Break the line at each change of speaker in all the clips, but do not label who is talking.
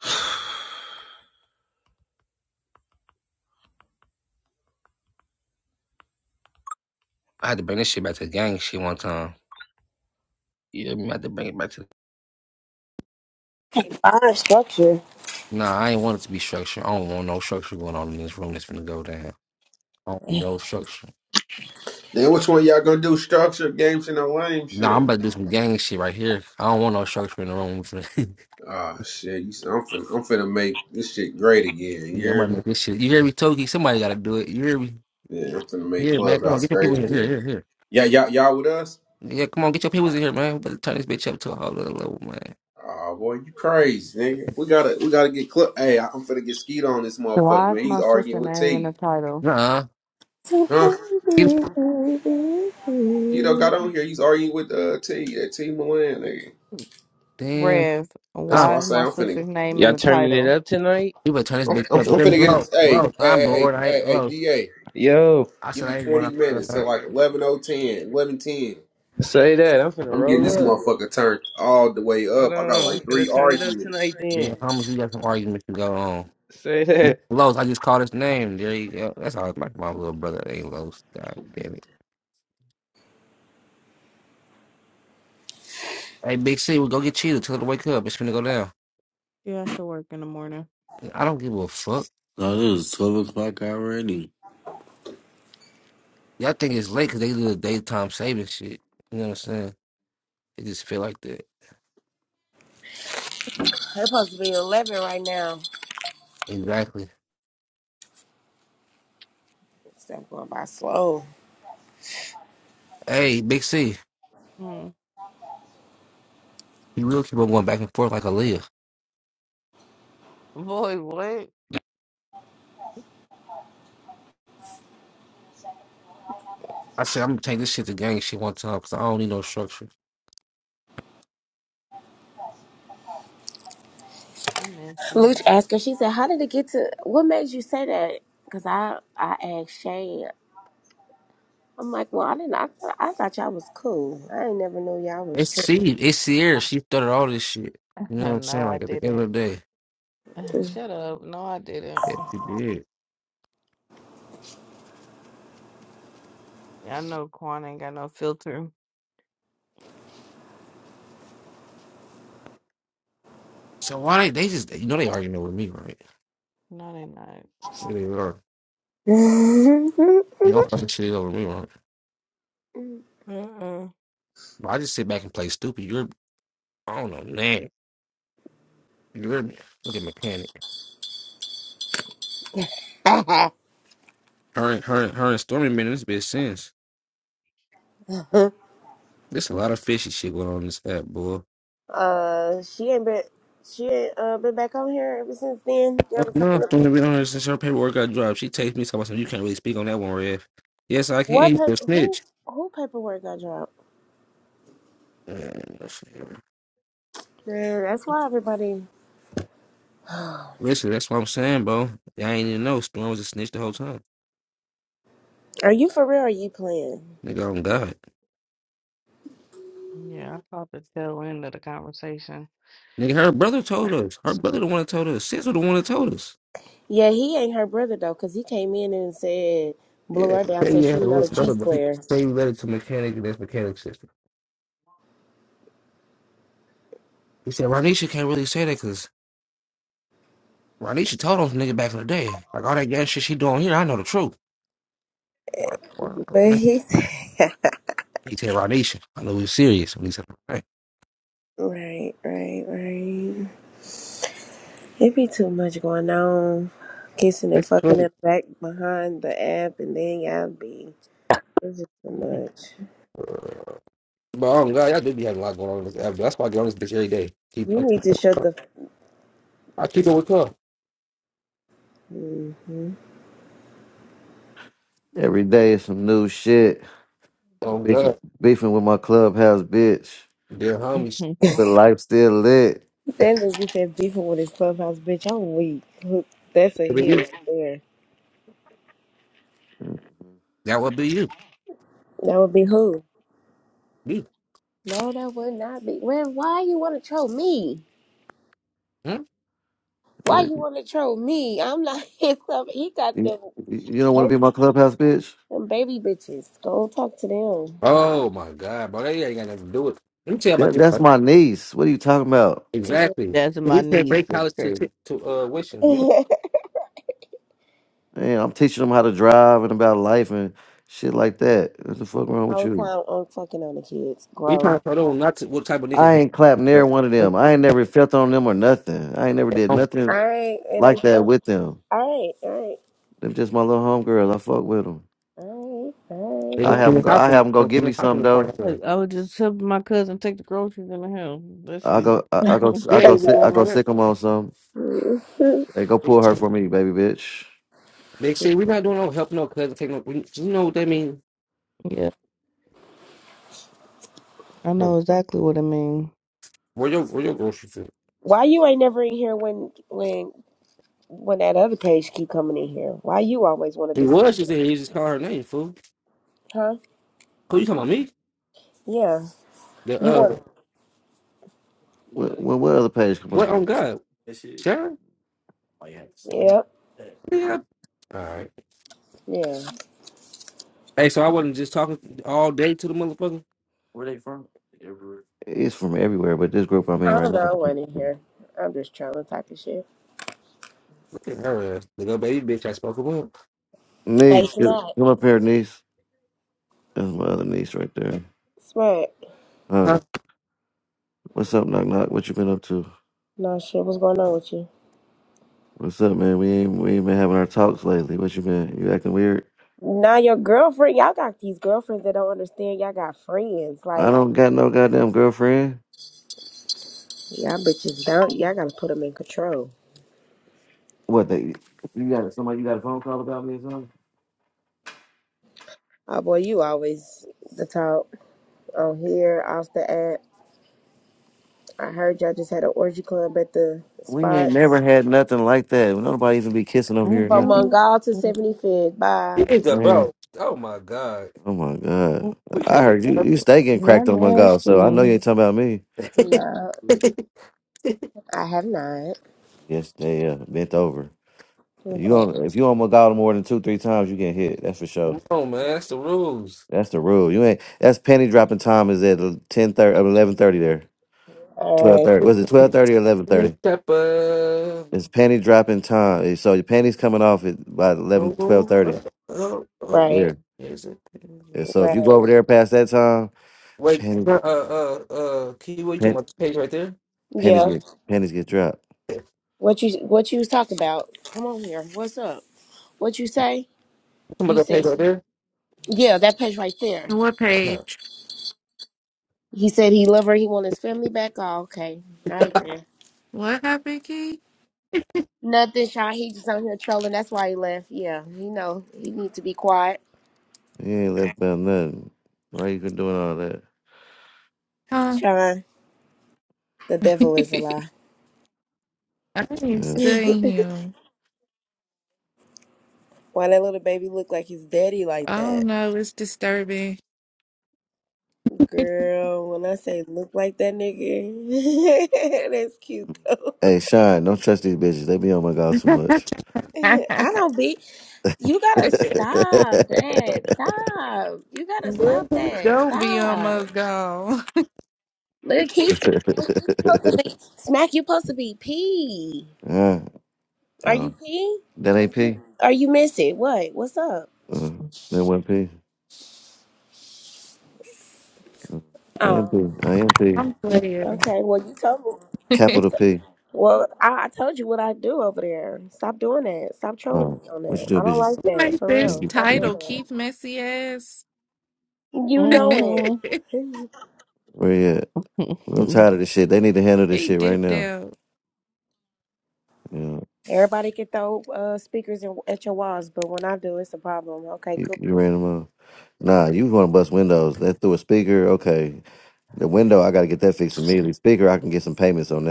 I had to bring this shit back to the gang shit one time. Yeah, I had to bring it back to. the...
Fine structure.
Nah, I ain't want it to be structured. I don't want no structure going on in this room that's finna go down. I don't want no structure.
Then which one y'all gonna do? Structure, game shit, or lame
Nah, I'm
shit?
about to do some gang shit right here. I don't want no structure in the room.
Ah, shit. You, s- I'm finna, I'm finna make this shit great again.
yeah, I'm about
You're,
to make this shit. You hear me, Toki? Somebody gotta do it. You hear me?
yeah, I'm finna make
Yeah, man. Come on,
Clubhouse
get your people
great
in here. Here,
again.
here, here.
Yeah, y'all, y'all with us?
Yeah, come on, get your people in here, man. We better turn this bitch up to a whole other level, man.
Oh boy, you crazy, nigga. We gotta, we gotta get club. Hey, I'm finna get Skeeto on this
So
motherfucker,
Why is
man. He's
my sister
arguing with
name in the
T,
title?
Nah,
So
huh?
come baby.
Skeeto got on here. He's arguing with uh T, uh, T Milan, nigga.
damn,
Rev,
That's
huh?
why
why
I
is
say
my
I'm finna,
sister's name in
Y'all
the
turning it
title?
up tonight?
You better turn this
I'm,
bitch
I'm,
up. You
I'm
hear me?
finna get
Low,
it. Hey,
low.
hey,
I'm
hey, hey,
bored. I
hey,
ain't
hey,
low.
DA.
Yo,
I
Give
said
me
I ain't going
20 minutes
out.
till like 11.010, 11.10.
say that. I'm finna
I'm getting this
roll up.
motherfucker turned all the way
Hold
up. I got
on. We
like
finna
three
turn it up
arguments.
tonight
Then
then.
how much we got some arguments to go on?
Say that.
Los, I just called his name. There you go. That's all like my little brother. Hey, Los. God damn it. Hey, Big C, we go get cheated. Tell her to wake up. It's finna go down.
She has to work in the morning.
I don't give a fuck.
No, it is 12 o'clock already.
Y'all think it's late because they do the daytime saving shit. You know what I'm saying? It just feel like that.
It's supposed to be 11 right now.
Exactly.
It's not going by slow.
Hey, Big C,
Hmm.
you will keep on going back and forth like a Leah.
Boy, what?
I said, I'm gonna take this shit to gang shit one time because I don't need no structure.
You messy.
Luch asked her, she said, How did it get to, what made you say that? Because I, I asked Shay. I'm like, Well, I didn't, I, thought- I thought y'all was cool. I ain't never knew y'all was
It's C. It's Sierra. She started all this shit. You know what I'm saying?
no, I
Like at the end
didn't.
of the day.
tripping.
Shut up. No, I didn't.
Yeah, she did.
Yeah, I know Quan ain't got no filter.
So why they, they just you know they arguing over me, right?
No, they not.
Yeah, they are. You know, I'm fucking shit over me, right?
Uh-uh.
But I just sit back and play stupid. You're I don't know, man. You're look at my panic. Her and her and her and Stormy been in this bitch since. There's a lot of fishy shit going on in this app, boy.
uh, she ain't been, she ain't uh, been back on here ever since then. Y'all
Fuck
was
no,
talking to,
Stormy been on here since her paperwork got dropped. She takes me talking about something you can't really speak on that one, Rev. Yes, I can.
what
You a
paper, who,
snitch.
who paperwork got dropped? Man, that's why everybody. Are
Listen, that's what I'm saying, bro. I ain't even know Storm was a snitch the whole time.
you for real? Or are you playing?
Nigga, on God.
Yeah, I caught the tail end of the conversation.
Nigga, her brother told us. Her brother the one that told us. Sis was the one that told us.
Yeah, he ain't her brother though, cause he came in and said blew
Yeah,
her down, said
yeah,
she
it
know the
was brother,
cheese
but he
players.
he related to mechanic and his mechanic sister. He said Ronisha can't really say that because Ronisha told on some nigga back in the day. Like all that gang shit she doing here, I know the truth. Like, what?
But
Man,
he said,
He said Ronisha. I know he was serious when he said hey.
right, right, right. It be too much going on, kissing and
That's
fucking
true.
and back behind the app, and then y'all be. It's just too much.
But oh god, y'all do be having a lot going on in this app. That's why I get on this bitch every day. Keep
You need to shut the.
I keep it with her.
Mm-hmm.
Every day is some new shit.
Oh
Beefing,
god.
beefing with my clubhouse bitch,
Dear homies.
but life still lit.
That nigga you said beefing with his clubhouse bitch. I'm weak. That's a
That would be
hit
you.
right there.
That would be you.
That would be who. No, that would not be. Well, why you want to troll me?
You.
Why
What,
you want to troll me? I'm not his stuff. He got
you,
them
you don't want to be
baby,
my clubhouse bitch?
them baby bitches. Go talk to them.
Oh my God, bro, that ain't got nothing to do with. it. Let me tell you about
That,
this.
that's
Bro.
my niece. What are you talking about?
Exactly.
That's my
We paying for
niece.
their
that's
college to t-
crazy.
to uh wishing.
All
Man, I'm teaching them how to drive and about life and shit like that. What the fuck wrong with
the
you?
time I'm fucking on the kids.
We
Gross.
trying to tell them not to, what type of
I
niggas
ain't clapped
they
near one of them. I ain't never felt on them or nothing. I ain't never did
don't
All
nothing
right, it
like
ain't
that
fun.
with them.
All right, all
Them just my little homegirls. I fuck with them.
right, all right, all
they
right.
don't
I have
clean
them
the
go.
house
I
when they
have them go
don't
give
clean
me
the house
some
when the party
though.
Look,
done.
I was just helping my cousin take the groceries in the house. That's
I go.
you.
I, I go.
We
I
Big.
ain't
go.
even
Sick, I
doing
go
all that.
sick them on some.
Mhm.
Hey, go
Big
pull her
shit.
for me, baby bitch.
Big shit. We not doing no help, no cousin, take no. we- You know what that mean?
yeah, I
Uh,
know exactly what I mean.
Where your where your grocery food?
why you ain't never in here when when when that other page keep coming in here? Why you always want
He
to
was.
disappear?
She said he just called her name. Fool.
Huh?
Who you talking about me?
Yeah.
The
You
uh
want?
What, what, what other page? Come
what
on.
on God? Sharon?
Yep.
Yeah. All right.
Yeah.
Hey, so I wasn't just talking all day to the motherfucker.
It's from everywhere, but this group I'm in
I
right
don't know. I wasn't
now.
here. I'm just trying to type of shit.
Yeah, the little baby bitch I spoke about.
Hey,
Niece, get,
Smack.
come up here, niece. That's my other niece right there.
Smack.
Huh?
Huh?
What's up, knock knock? What you been up to?
No shit. What's going on with you?
What's up, man? We ain't we ain't been having our talks lately. What you been? You acting weird?
Now your girlfriend. Y'all got these girlfriends that don't understand. Y'all got friends.
I
Like
don't got no goddamn girlfriend.
y'all bitches don't. Y'all gotta put them in control.
What they? You got somebody? You got a phone call about me or something?
Oh boy, you always the talk on here, off the app. I heard y'all just had an orgy club at the
We ain't
spots
never had nothing like that. Nobody even be kissing over here or
from
nothing.
Mm-mm.
Mongol to 75th. Bye.
It's a
man.
bro. Oh my god.
Oh my god!
We
I
can't
heard you you stay getting
You're
cracked on my god,
nasty.
so I know you ain't talking about me.
get
No, I have not.
Yes, they uh, bent over. You
Okay.
on if you on my god more than two three times, you get hit. That's for sure.
Come on, man. That's the rules.
That's the rule. You ain't. That's penny dropping time is at ten thirty, eleven thirty there, twelve
All
thirty. Was it twelve thirty or eleven thirty?
Step up.
It's penny dropping time. So your penny's coming off at by eleven,
Oh,
twelve
oh,
thirty.
oh,
right.
oh.
12.30. Yeah.
Right.
Here's a-
And so if you go over
Right.
there past that time,
Wait,
penny,
uh, uh, uh, Key, what you talking
pen,
about? The page right there?
pennies
Yeah.
get pennies get dropped.
You
What you what you was talking about? Come on here. What's up? What you say?
talking about
You
that page
said
right
she,
there?
yeah, that page right there.
What page?
He said he love her. He want his family back. Oh, okay. All right then.
What happened, Key?
Nothing, Sean. He just on here trolling. That's why he left. Yeah, he know he need to be quiet.
You ain't left about nothing. Why you can doing all that?
Huh?
Sean, the devil is a lie.
I ain't
Yeah.
studying
why
him.
that little baby look like his daddy like
I don't
that?
know. It's disturbing.
Girl, when I say look like that nigga, that's cute though.
Hey, Shine, don't trust these bitches. They be on my god too much.
I don't be. You gotta stop that. Stop. You gotta
Where
stop
his
that.
do be
Stop.
almost gone.
Look, he's what you supposed to be smack. You supposed to be pee.
uh,
Are
uh,
you pee?
that ain't P.
Are you missing? What? What's up?
Uh, that one P. Uh, I am
Oh,
P. I am P.
I'm playing.
okay. Well, you told me. You
Capital
t-
P.
well, I, I told you what I do over there. Stop doing that. Stop trolling
Uh,
me on
what
that.
you do,
I don't
bitches?
like
Who
that.
made
For
You
this
real.
be,
Stop
you
doing
be,
title?
that.
Keith Messy ass.
You know it.
Mm-hmm.
where you at? I'm tired of this shit. They need to handle this
he
shit right
dipped
now.
out.
You, know,
Everybody can throw uh, speakers in, at your walls, but when I do, it's a problem. Okay,
you,
cool.
you ran them off. Nah, you want to bust windows. That through a speaker. Okay. The window, I got to get that fixed immediately. Speaker, I can get some payments on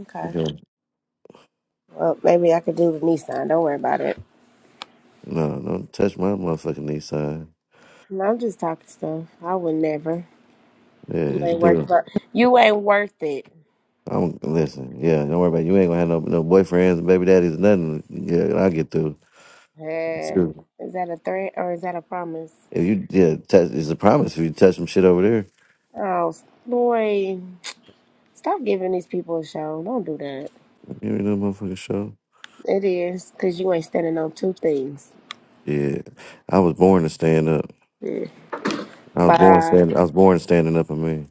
Okay.
that.
Well, maybe I could do the Nissan. Don't worry about it.
No, don't touch my motherfucking knee side.
No, I'm just talking stuff. I would never.
Yeah,
You
you
ain't worth
do.
it. You ain't worth it.
I'm listen. Yeah, don't worry about it. you. Ain't gonna have no no boyfriends, baby daddies, nothing. Yeah, I'll get through.
Eh,
Sure.
is that a threat or is that a promise?
If you yeah, touch, it's a promise. If you touch some shit over there,
Oh, boy. Stop giving these people a show. Don't do that.
you ain't no motherfucking show.
It is, because you ain't standing on two things.
Yeah, I was born to stand up.
Mm.
I was born
Bye.
standing. I was born standing up. for me.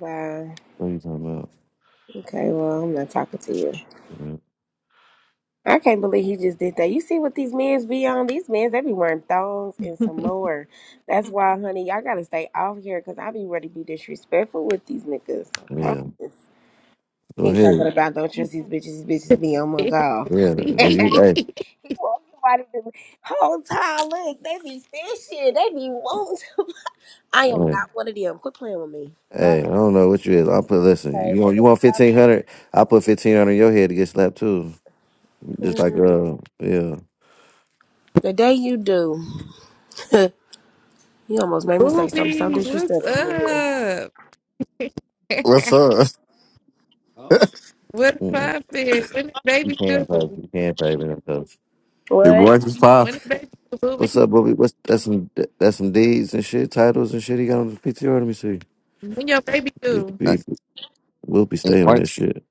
Bye.
What are you talking
Okay, well, I'm not talking to you.
about?
I can't believe he just did that. You see what these men's be on? These men's, they be wearing thongs and some
Ruby,
more. That's why, honey, y'all gotta stay off here because I be ready to be disrespectful with these niggas. I
Yeah.
promise.
Go
He
ahead.
talking about don't trust these bitches, these bitches be on my god.
Yeah. When you
he
hey
want somebody to whole time. Look, they be fishing. They be wanting to- I am
hey
not one of them. Quit playing with me. Bye.
hey, I don't know what you is. I'll put listen. You
Okay,
want you
well,
want
stop.
fifteen hundred? I'll put fifteen hundred in your head to get slapped too. Just like
Mm.
uh, yeah,
The day you do, you almost made me say something so
what's
disrespectful to you.
up?
What's up?
what's
mm-mm.
poppin'? When the
you
baby
can pay,
do?
you can pay me them toes.
Your
What?
voice is
When
popping.
the baby do? Ruby?
What's up, Bobby? What's that's some that's some deeds and shit, titles and shit. He got on the PTR. Let me see.
When your baby
Need to
do.
Uh,
be will
Your
stay on this
voice?
shit.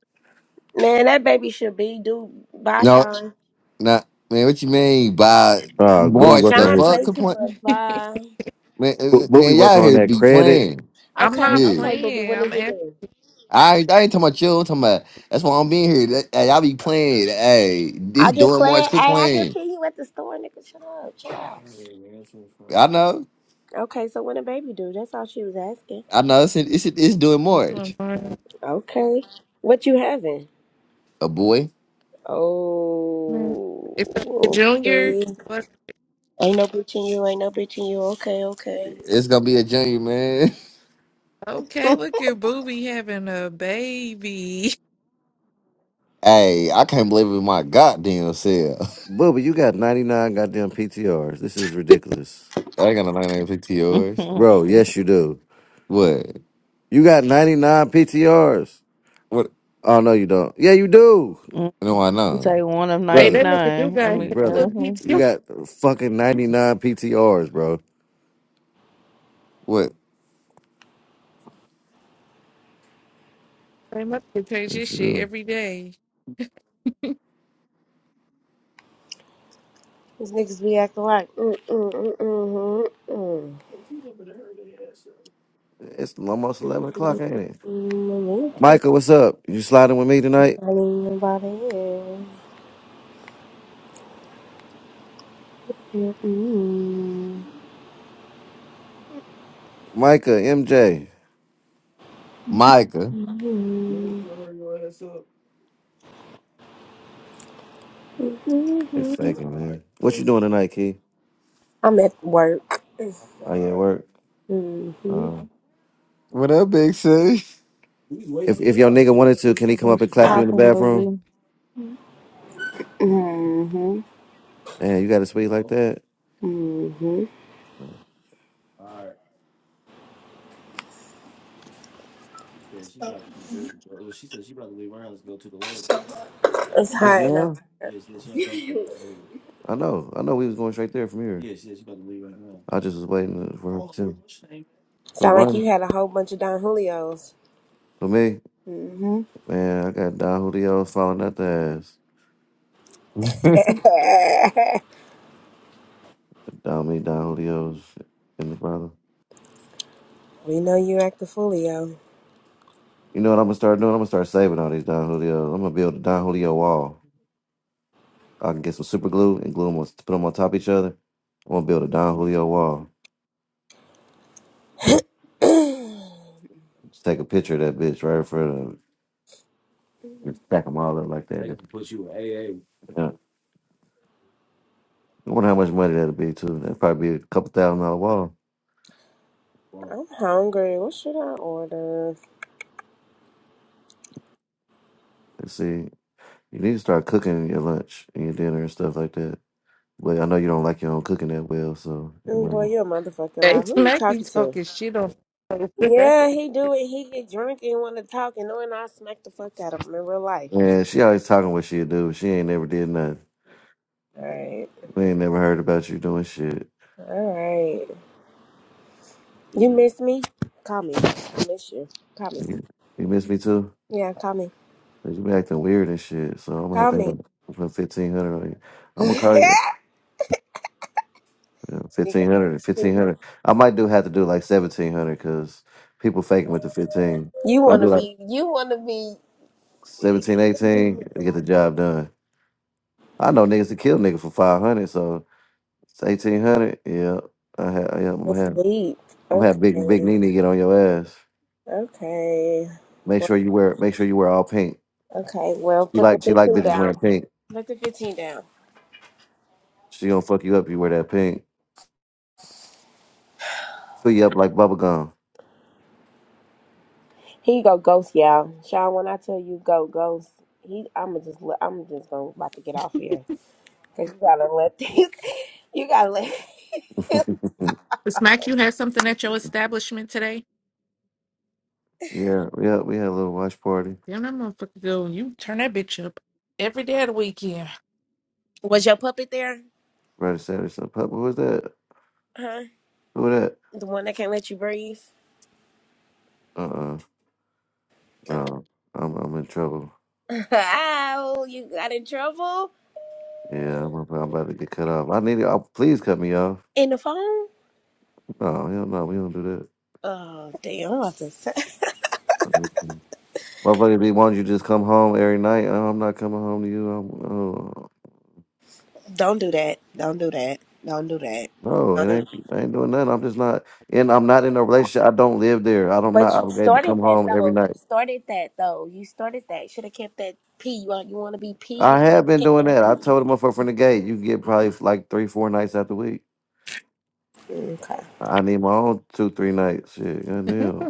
Man, that baby should be do by
No,
Sean.
no, nah, man. What you mean by
Uh, Booby
March?
working
The
on
Sean
his
fuck,
play too
complain,
much by.
man, uh,
Bo-
uh,
Booby
man. Y'all
working on
here
that
be
credit.
playing.
I'm
Okay,
not
Yeah,
okay, Booby,
playing.
what
I'm
is it
asking
doing?
I, ain't- I ain't talking about you. I'm talking about that's why I'm being here. That, hey, y'all be playing. Hey, this
I just
doing
play
March.
it.
Quit
Hey, I just
playing.
see you at the store, nigga. Shut up, Charles.
I know.
Okay, so what a baby do? That's all she was asking.
I know. It's it's, it's doing
to
March.
invite.
Okay, what you having?
A boy.
Oh,
it's a junior,
okay.
what?
Ain't no bitching you. Ain't no bitching you. Okay, okay.
It's gonna be a junior, man.
Okay, look at Booby having a baby.
Hey, I can't believe it. My goddamn self.
Booby, you got ninety nine goddamn PTRs. This is ridiculous,
I ain't got a 950 yours.
bro. Yes, you do.
What?
You got ninety nine PTRs.
What?
Oh no, you don't. Yeah, you do,
Mhm.
No, I
It's
know.
like one of
Hey, that
brother.
nigga do
99. I
got
mean,
hella
Brother,
uh
you
PTO.
got fucking ninety nine PTRs, bro.
What
They must change his
Yes, you
shit
do.
every day.
These niggas be acting like. Mm mm mm mm mm mm.
It's almost
Mm,
11 o'clock,
mm,
ain't it?
mm, mm, mm.
Micah, what's up? You sliding with me tonight?
Ain't nobody here. Mm-hmm.
Micah, MJ.
Micah?
It's faking, man. What you doing tonight, Key?
I'm at work. Mm-hmm.
Are you at work? Um,
What up, big sis?
if if your nigga wanted to, can he come up
what's
and clap you in the
popping,
bathroom?
booby?
Mm-hmm.
Damn, you got a suite like that?
Mm-hmm. It's
Just
hot and I
now? I know. I know we was going straight there from here. I just was waiting for him too. Who
sound like you
won?
had a whole bunch of Don Julios.
For me?
Mm-hmm.
Man, I got Don Julio's falling out the ass. Don me, Don Julio's and the brother.
we know you act the foolio.
You know what I'm gonna start doing? I'm gonna start saving all these Don Julio. I'm gonna build a Don Julio wall. I can get some super glue and glue them on, put them on top of each other. I'm gonna build a Don Julio wall.
I'm
Just take a picture of that bitch right in front of and stack them all up like that. A A. Yeah. I wonder how much money that'll be too. That'd probably be a couple thousand dollar wall.
hungry. What should I order?
Let's see, you need to start cooking your lunch and your dinner and stuff like that. But I know you don't like your own cooking that well, so you
Mm, Boy, you
might.
a motherfucking
Hey,
lie. Who you
Smack be
talking to?
talking shit on.
Yeah, he do it. He get drunk and want to talk, and knowing I smack the fuck out of him in real life.
And she always talking what she do. She ain't never did nothing.
All right,
We ain't never heard about you doing shit.
all right. You miss me? Call me. I miss you. Call me.
You he missed me too.
Yeah, call me.
'Cause You been acting weird and shit. So I'm gonna have
Call
to
me.
have put fifteen hundred on you. I'm gonna
Nigga,
call you. Yeah,
fuck you go first,
1500
too.
1500 I might do have to do like 1700 because people faking with the 15. If
You
I do
wanna
like
be? You wanna be?
17, 18, to get the job done. I know niggas to kill nigga for 500, so it's 1800. Yeah, I ha- yeah I'm gonna have
Asleep.
I'm gonna have big big
Okay.
Nene get on your ass.
Okay.
Make sure
Well,
you wear make sure you wear all pink.
okay. Well,
She
put the
like she like
fifteen
bitches wearing
down.
pink.
Put the fifteen down.
She gonna fuck you up if you wear that pink. Fill you up like bubble gum.
He go ghost, y'all. Sean, when I tell you go ghost, he I'ma just let I'm just gonna about to get off here. Cause you gotta let these you gotta let
Miss Mac, you had something at your establishment today?
yeah, yeah, we had a little watch party
Damn, that motherfucker go. You turn that bitch up every day of the weekend.
Was your puppet there?
Friday, Saturday, Sunday. Pop, Who was that?
Huh?
Who was that?
The one that can't let you breathe?
Uh, uh
Uh,
no, I'm I'm in trouble.
Ow, you got in trouble?
Yeah, I'm about, I'm about to get cut off. I need to. Oh, please cut me off.
In the phone?
No, hell no, we don't do that.
Oh damn, I'm about to say-
Mm-mm. Motherfucker, be wanting you to just come home every night. Oh, I'm not coming home to you. I'm, oh,
Don't do that. Don't do that. Don't do that.
no, it
Don't.
ain't. I ain't doing nothing. I'm just not. And I'm not in a relationship. I don't live there. I don't
But
not
you
obligated to
started
come
that
home every
though. You
night.
started that though. You started that. Should have kept that P. You want you want to be P,
I
nigga? You
have been
should've kept
doing
that
that. I
P.
told the motherfucker from the gate, you get probably like three, four nights out the week.
Okay.
I need my own two, three nights. Shit,
I
goddamn.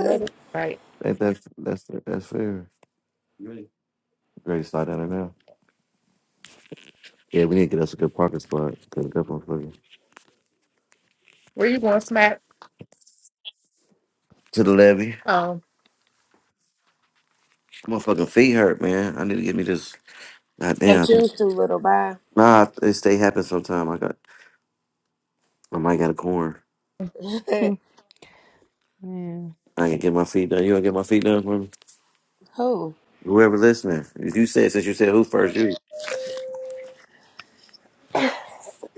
know that's right.
Ain't that that's that's fair? Great slide down there now. Yeah, we need to get us a good parking spot. Cause that motherfucker.
Where you going, Smack?
To the levee.
Um,
My fucking feet hurt, man. I need to get me this.
Your
Goddamn.
shoes too little. Bye.
Nah, it stay happen sometime. I got. I might got a corn.
Mhm. yeah.
I can get my feet done. You going to get my feet done for me?
Who?
Whoever listening, if you said since you said who first, you.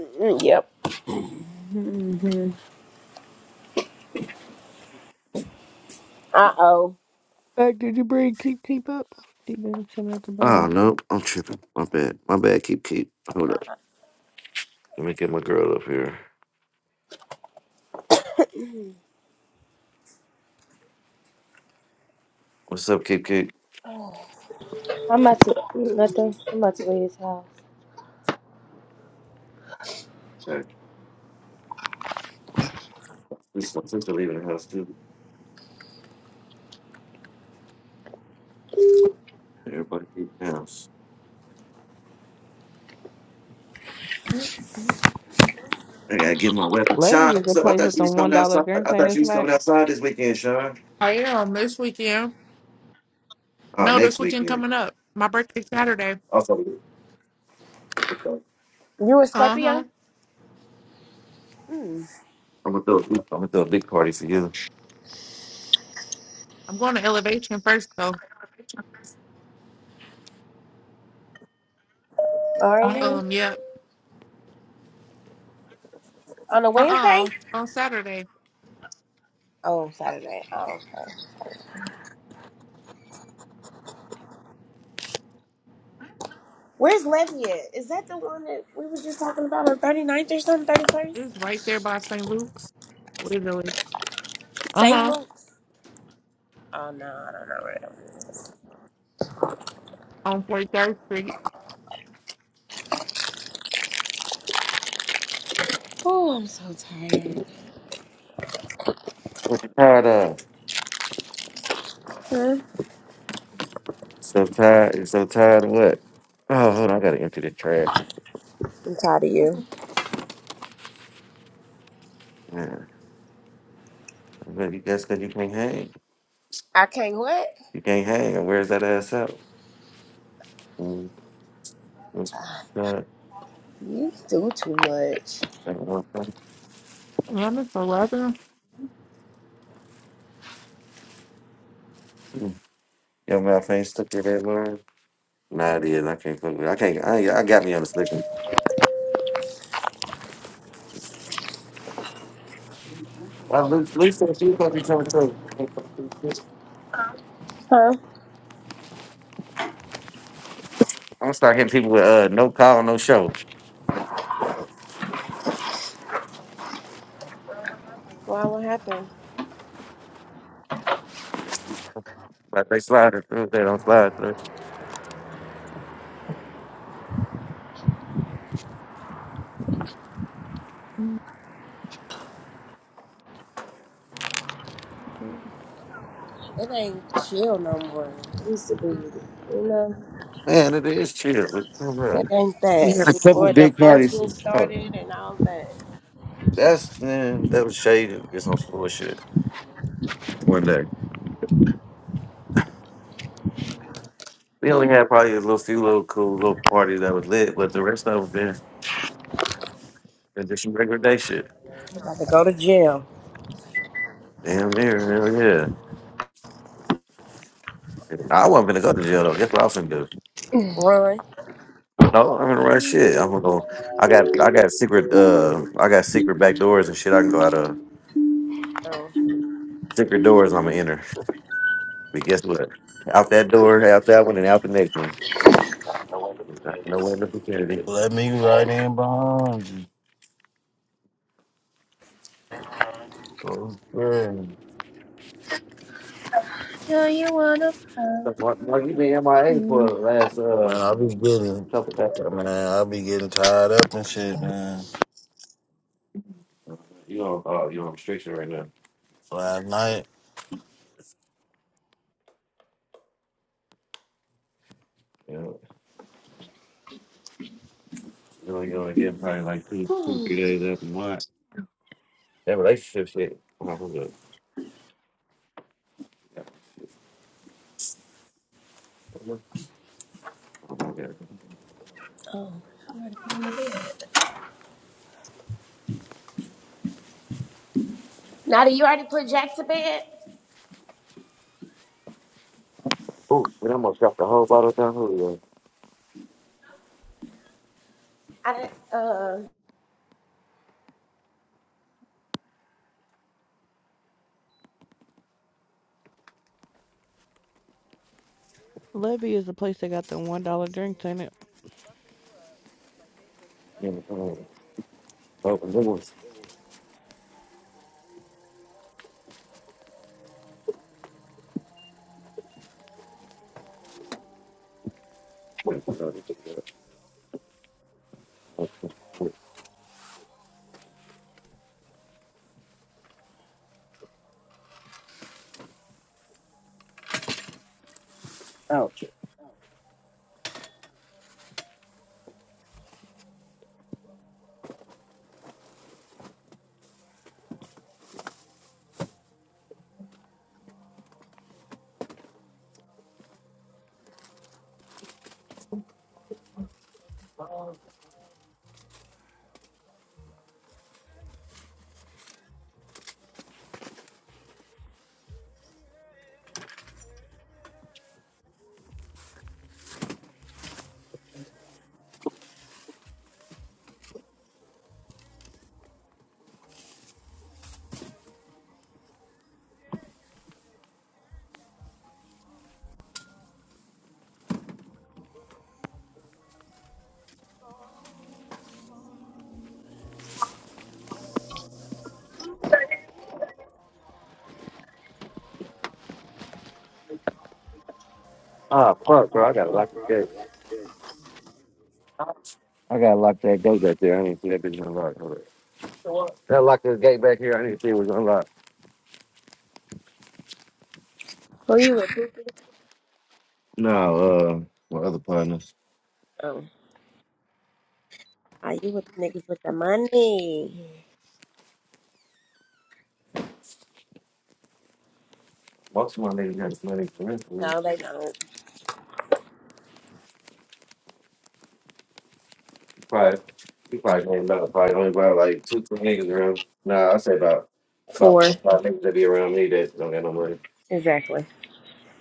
Mm, Yep. hmm Uh oh.
Hey, did you bring Keep Keep up? She been sitting at the
Oh
bottom.
no, I'm tripping. My bad. My bad. Keep keep. Hold up. Let me get my girl up here.
You
What's up, keep keep?
I'm about to nothing. I'm about to leave this house.
Hey, This are leaving the house too. Everybody else.
mm-hmm.
I gotta get my weapon.
Levy
Sean,
is the
so I
place with
thought you
the
was
one
coming
dollar
outside.
drinks,
I
ain't
thought
it,
you was
Smack?
coming outside this weekend, Sean.
I am this weekend.
Oh,
No, this
next
weekend
weekend.
coming up. My birthday Saturday.
Also, okay.
a
Uh huh.
Scorpio? Mm.
I'm gonna throw a big, I'm gonna throw a big party for you.
I'm going to Elevation first though.
Are you
Um, yeah.
on a
Uh
Wednesday?
uh On Saturday,
Oh, Saturday. Oh. Where's Levy at? Is that the one that we were just talking about on thirty ninth or something?
it's
31st?
right there by St. Luke's, literally. Uh
St.
huh.
Luke's? Oh, no. I don't know where that one is.
On 43rd Street.
Oh, I'm so tired.
What you tired of?
Huh?
So tired. You're so tired of what? Oh, hold on. I gotta empty the trash.
I'm tired of you.
Yeah. But you guess because you can't hang.
I can't what?
You can't hang. And where's that ass out? Mm, it's- uh,
You do too much.
I don't know.
yeah, it's 11.
Mm. Your mouth ain't stuck to that line. Nah, it is. I can't fuck with. it. I can't. I, ain't- I got me on the slick. Well, Luke, Luke said she was supposed to be coming through. I'm
Huh?
gonna start hitting people with uh, no call, no show.
Why? What happened?
Like they slide it through, they don't slide through.
Mm-hmm.
It ain't chill no more. It used to be, you know.
Man, it is chill. Luke. Come on.
It ain't
We had a
that.
couple
Before the
big parties.
function
Hold on.
started and all that.
That's man, that was shady. It's on some bullshit. One day we only had probably a little few little cool little parties that was lit, but the rest of them been been just some regular day shit.
You about to go to jail.
Damn near, hell yeah. I wasn't gonna go to jail though. Guess what I was gonna do?
Run.
No, I'm gonna run shit. I'm gonna go. I got I got secret uh I got secret back doors and shit. I can go out of
Oh.
secret doors. I'm gonna enter. But guess what? Out that door, out that one, and out the next one. I can know in the vicinity.
Let me right in behind you. Oh, yeah. Man,
Do you wanna?
Mark, Mark, you been MIA for
Mhm.
the last uh
I be getting,
couple of
man,
days.
I be getting tied up and shit, man.
You on uh you on restriction right now?
Last night.
You know, You only gonna get probably like two two
Hmm.
three days up and watch that relationship shit. Oh, hold up. Oh my god.
oh. Nada, you already put Jack to bed?
Oh, we almost dropped the whole bottle down.
I didn't, uh.
Levy is the place that got the one dollar drinks, ain't it?
Julio. Oh, and there was- Ouch. Ah, fuck, bro. I gotta lock the gate. I gotta lock that gate back there. I didn't see that bitch unlocked. Hold up. Gotta lock this gate back here. I didn't see it was unlocked.
Who you with, Poopy?
No, uh, my other partners.
Oh. Are you with the niggas with the money?
Most of my niggas got money for rent for real.
No, they don't.
Probably, we probably only about, probably only about like two, three niggas around. Nah, I say about, about
Four.
four, five niggas that be around me that don't got no money.
Exactly.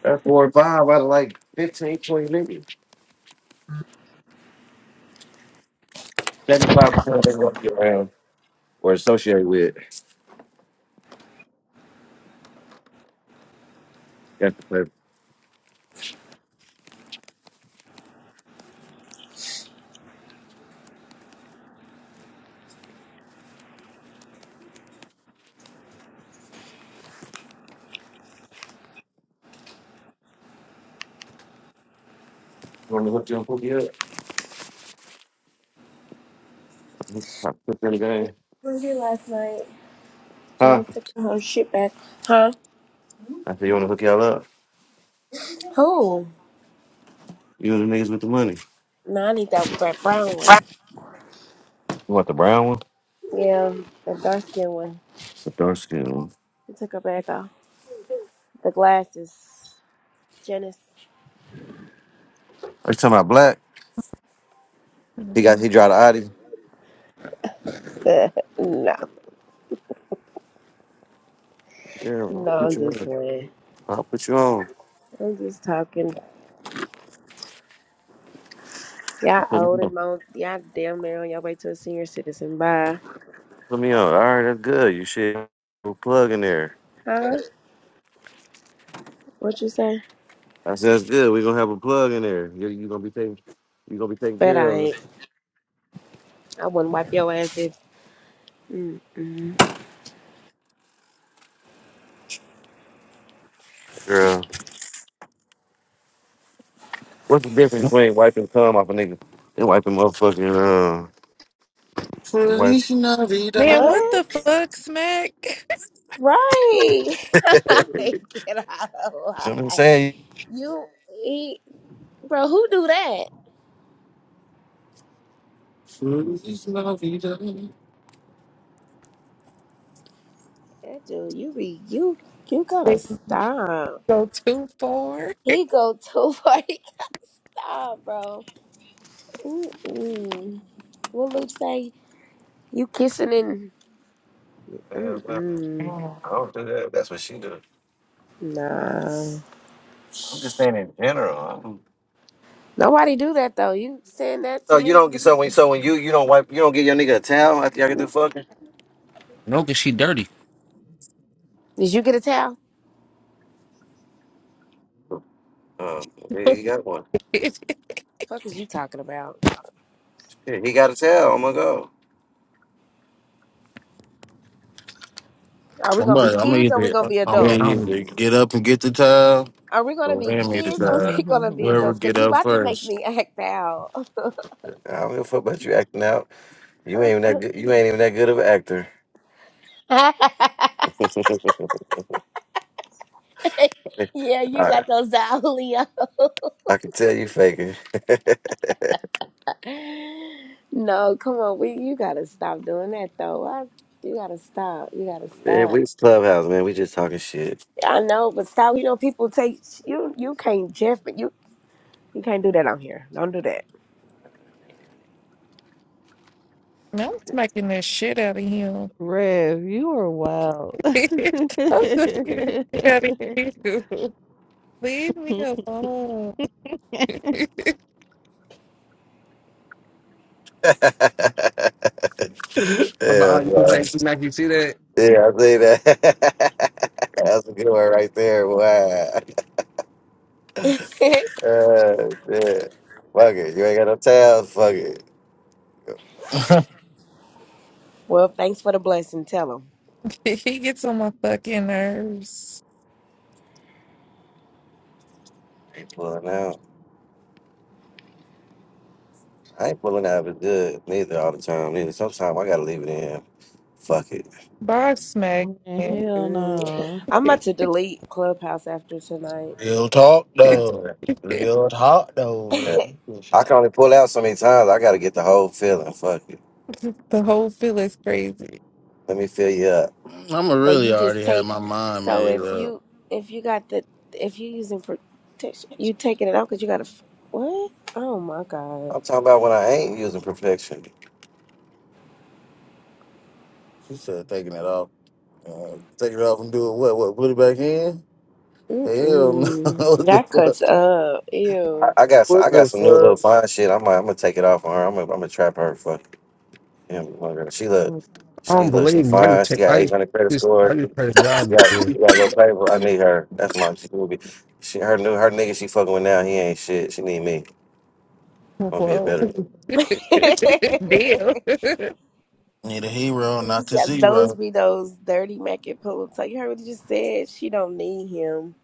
That's four or five out of like fifteen, twenty niggas. 75% of them walk you around or associate with. You want to hook your hooky up? I put in the game.
What was it last night?
Huh?
Jenna took her whole shit back. Huh?
I said, you want to hook y'all up?
Who?
You and the niggas with the money.
No, I need that, that brown one.
You want the brown one?
Yeah, the dark skinned one.
The dark skin one.
She took her bag off. The glasses. Janice.
Are you talking about black? He got he drive the Audi.
no,
Yeah, I'll
no,
put
I'm
you
just
on.
playing.
I'll put you on.
I'm just talking. Y'all
Put me
old and
on.
mo- y'all damn near on your way to a senior citizen. Bye.
Put me on. All right, that's good. You should have a plug in there.
Huh? What you say?
I said that's good. We're gonna have a plug in there. You you gonna be taking you gonna be taking
Bet
care
I
of. it.
ain't. I wouldn't wipe your ass if. Mm-mm.
Girl. What's the difference between wiping cum off a nigga and wiping motherfucking uh and wipe
Feliz Navidad.
Man, what the
What?
fuck, Smack?
Right.
you
Get out of
know what I'm
line.
saying?
You eat, bro. Who do that?
Feliz Navidad.
That dude, you be you. You gotta
They
stop.
go too far.
He go too far. He stop, bro. Mm-mm. What Luke say? You kissing and mm-mm.
I don't do that. That's what she do.
Nah.
I'm just saying in general. I don't-
Nobody do that though. You saying that
So
to
you
me?
don't so when so when you you don't wipe you don't give your nigga a towel after y'all get
Did
through fucking.
No, cause she dirty.
you get a towel?
Um,
Man,
he got one.
Fuck is you talking about?
Shit, he got a towel. I'm gonna go.
Are we gonna be
Somebody, I'm gonna
kids or are we
either,
gonna be
I'm gonna
yeah,
adults?
homie.
either get up and get the towel
Are we gonna
or
be
hand me the
kids or are
towel.
we gonna be
Whoever
adults? Cause
get
you
up
about to make
first.
me act out.
I don't give a fuck about you acting out. You ain't even that good. You ain't even that good of an actor.
yeah, you
I
got those out,
I can tell you faking.
No, come on, we you gotta stop doing that though. I, you gotta stop. You gotta
yeah, we
stop.
just clubhouse man. We just talking shit.
I know, but stop. You know, people take you. You can't Jeff, you you can't do that on here. Don't do that.
I'm smacking the shit out of him.
Rev, you are wild.
I'm smacking the shit out of you. Leave me
Man,
alone.
yeah,
How about uh, you can say,
right.
Mac, you see that?
yeah, I see that. That's a good one right there. Wow. Uh, yeah. Fuck it. You ain't got no tabs. Fuck it.
Well, thanks for the blessing. Tell them.
He gets on my fucking nerves.
Ain't pulling out. I ain't pulling out of it good neither all the time. Neither sometimes I gotta leave it in. Fuck it.
Bar smack, man.
Hell
Mm-mm.
Yeah.
no.
I'm about
the
to delete Clubhouse after tonight.
Real talk
man.
though. Real talk
Yeah.
though.
I can
I'm
only pull out so many times. I gotta get the whole feeling. Fuck it.
whole feel is crazy.
Let me fill you up.
gonna
So
really
you
already
just
have
take.
my mind
So
made
if
up.
you if you got the if you're using protection, you taking it out because you got to. What? Oh my god.
I'm talking about when I ain't using perfection.
She said taking it off. Uh, take it off and do it. What? What? Put it back in? Hell no!
Mm-mm.
what the
That
fuck?
cuts up.
I,
Ew.
I got some.
What
I got
the
some new little
fuck?
fine shit. I'm. I'm gonna take it off on her. I'm. gonna I'm gonna trap her. Fuck. And my girl, she look,
Mm,
I
she
don't
look, she
believe him. I just
fine. She
take,
got
I
800 credit
just, I
score.
just played a
She
job
got,
before.
she got a little paper. I need her. That's my she will be. She her new her nigga she fucking with now. He ain't shit. She need me. I'm gonna be a
Whoa.
better.
Deal.
Need a hero,
he
not the
said those
zero.
be those dirty Mackin pull-ups. Like you heard what he just said. She don't need him.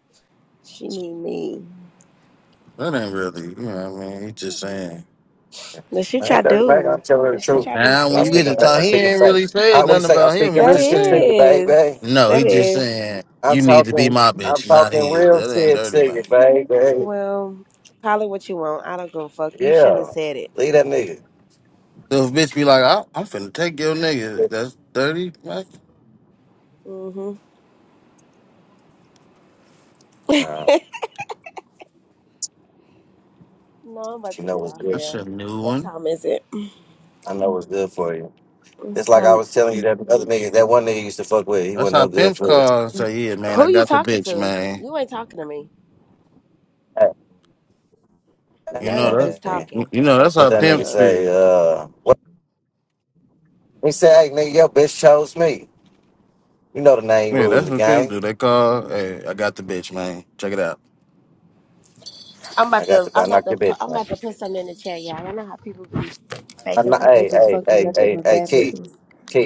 She need me.
That ain't really. You know what I mean? He just saying.
The shit
I ain't
y'all
dirty Mac. I'm
do.
telling her the
The shit
truth.
y'all be
Now,
I'm
when you
saying.
get
speaking.
to
fa-
talk,
I'm
he
speaking
ain't really
facts. I
saying
what do you
nothing
say? I'm
about him.
speaking
He's
That
real
just
shit to you,
saying.
is.
baby.
No, he
That
just
is.
saying
I'm
you need to be
talking.
my
I'm
bitch, not
talking
his.
real
That ain't
shit
dirty,
to you,
man.
baby.
Well, call it what you want. I don't give a fuck. You shouldn't
Yeah.
have said it.
Leave that nigga.
So if bitch be like, I, I'm finna take your nigga. That's dirty, man.
Mm-hmm.
Uh,
No, I'm about
she
to
know
get
what's
off
good.
That's
here.
a new
What
one.
time is it?
I know what's good for you. It's
It's
like I
time.
was telling you that other nigga, that one nigga used to fuck with. He
That's
wasn't
how
no good
pimps
for it.
call and say, yeah, man, I
Who you
got the
talking
bitch,
to?
man.
You ain't talking to me. Cause
You
now
know
you
that.
just
And
talking.
You know
Shut
that's
the
what
how
that
fuck
nigga
pimps
up.
say?
be.
Uh, what he say? Hey, nigga, your bitch chose me. You know the name
Yeah,
rules of
that's
the
what pimps
game.
do. They call, "Hey, I got the bitch, man. Check it out."
I'm about
I got
to
the.
I'm
I
about
knocked
to
your
pu-
bitch.
I'm about
Man.
to put something in the chat, y'all. I know how people be
I
faking
kno-
like they
hey,
just
hey,
fuck with
hey,
nothing
hey,
but
hey,
bad
Key,
bitches.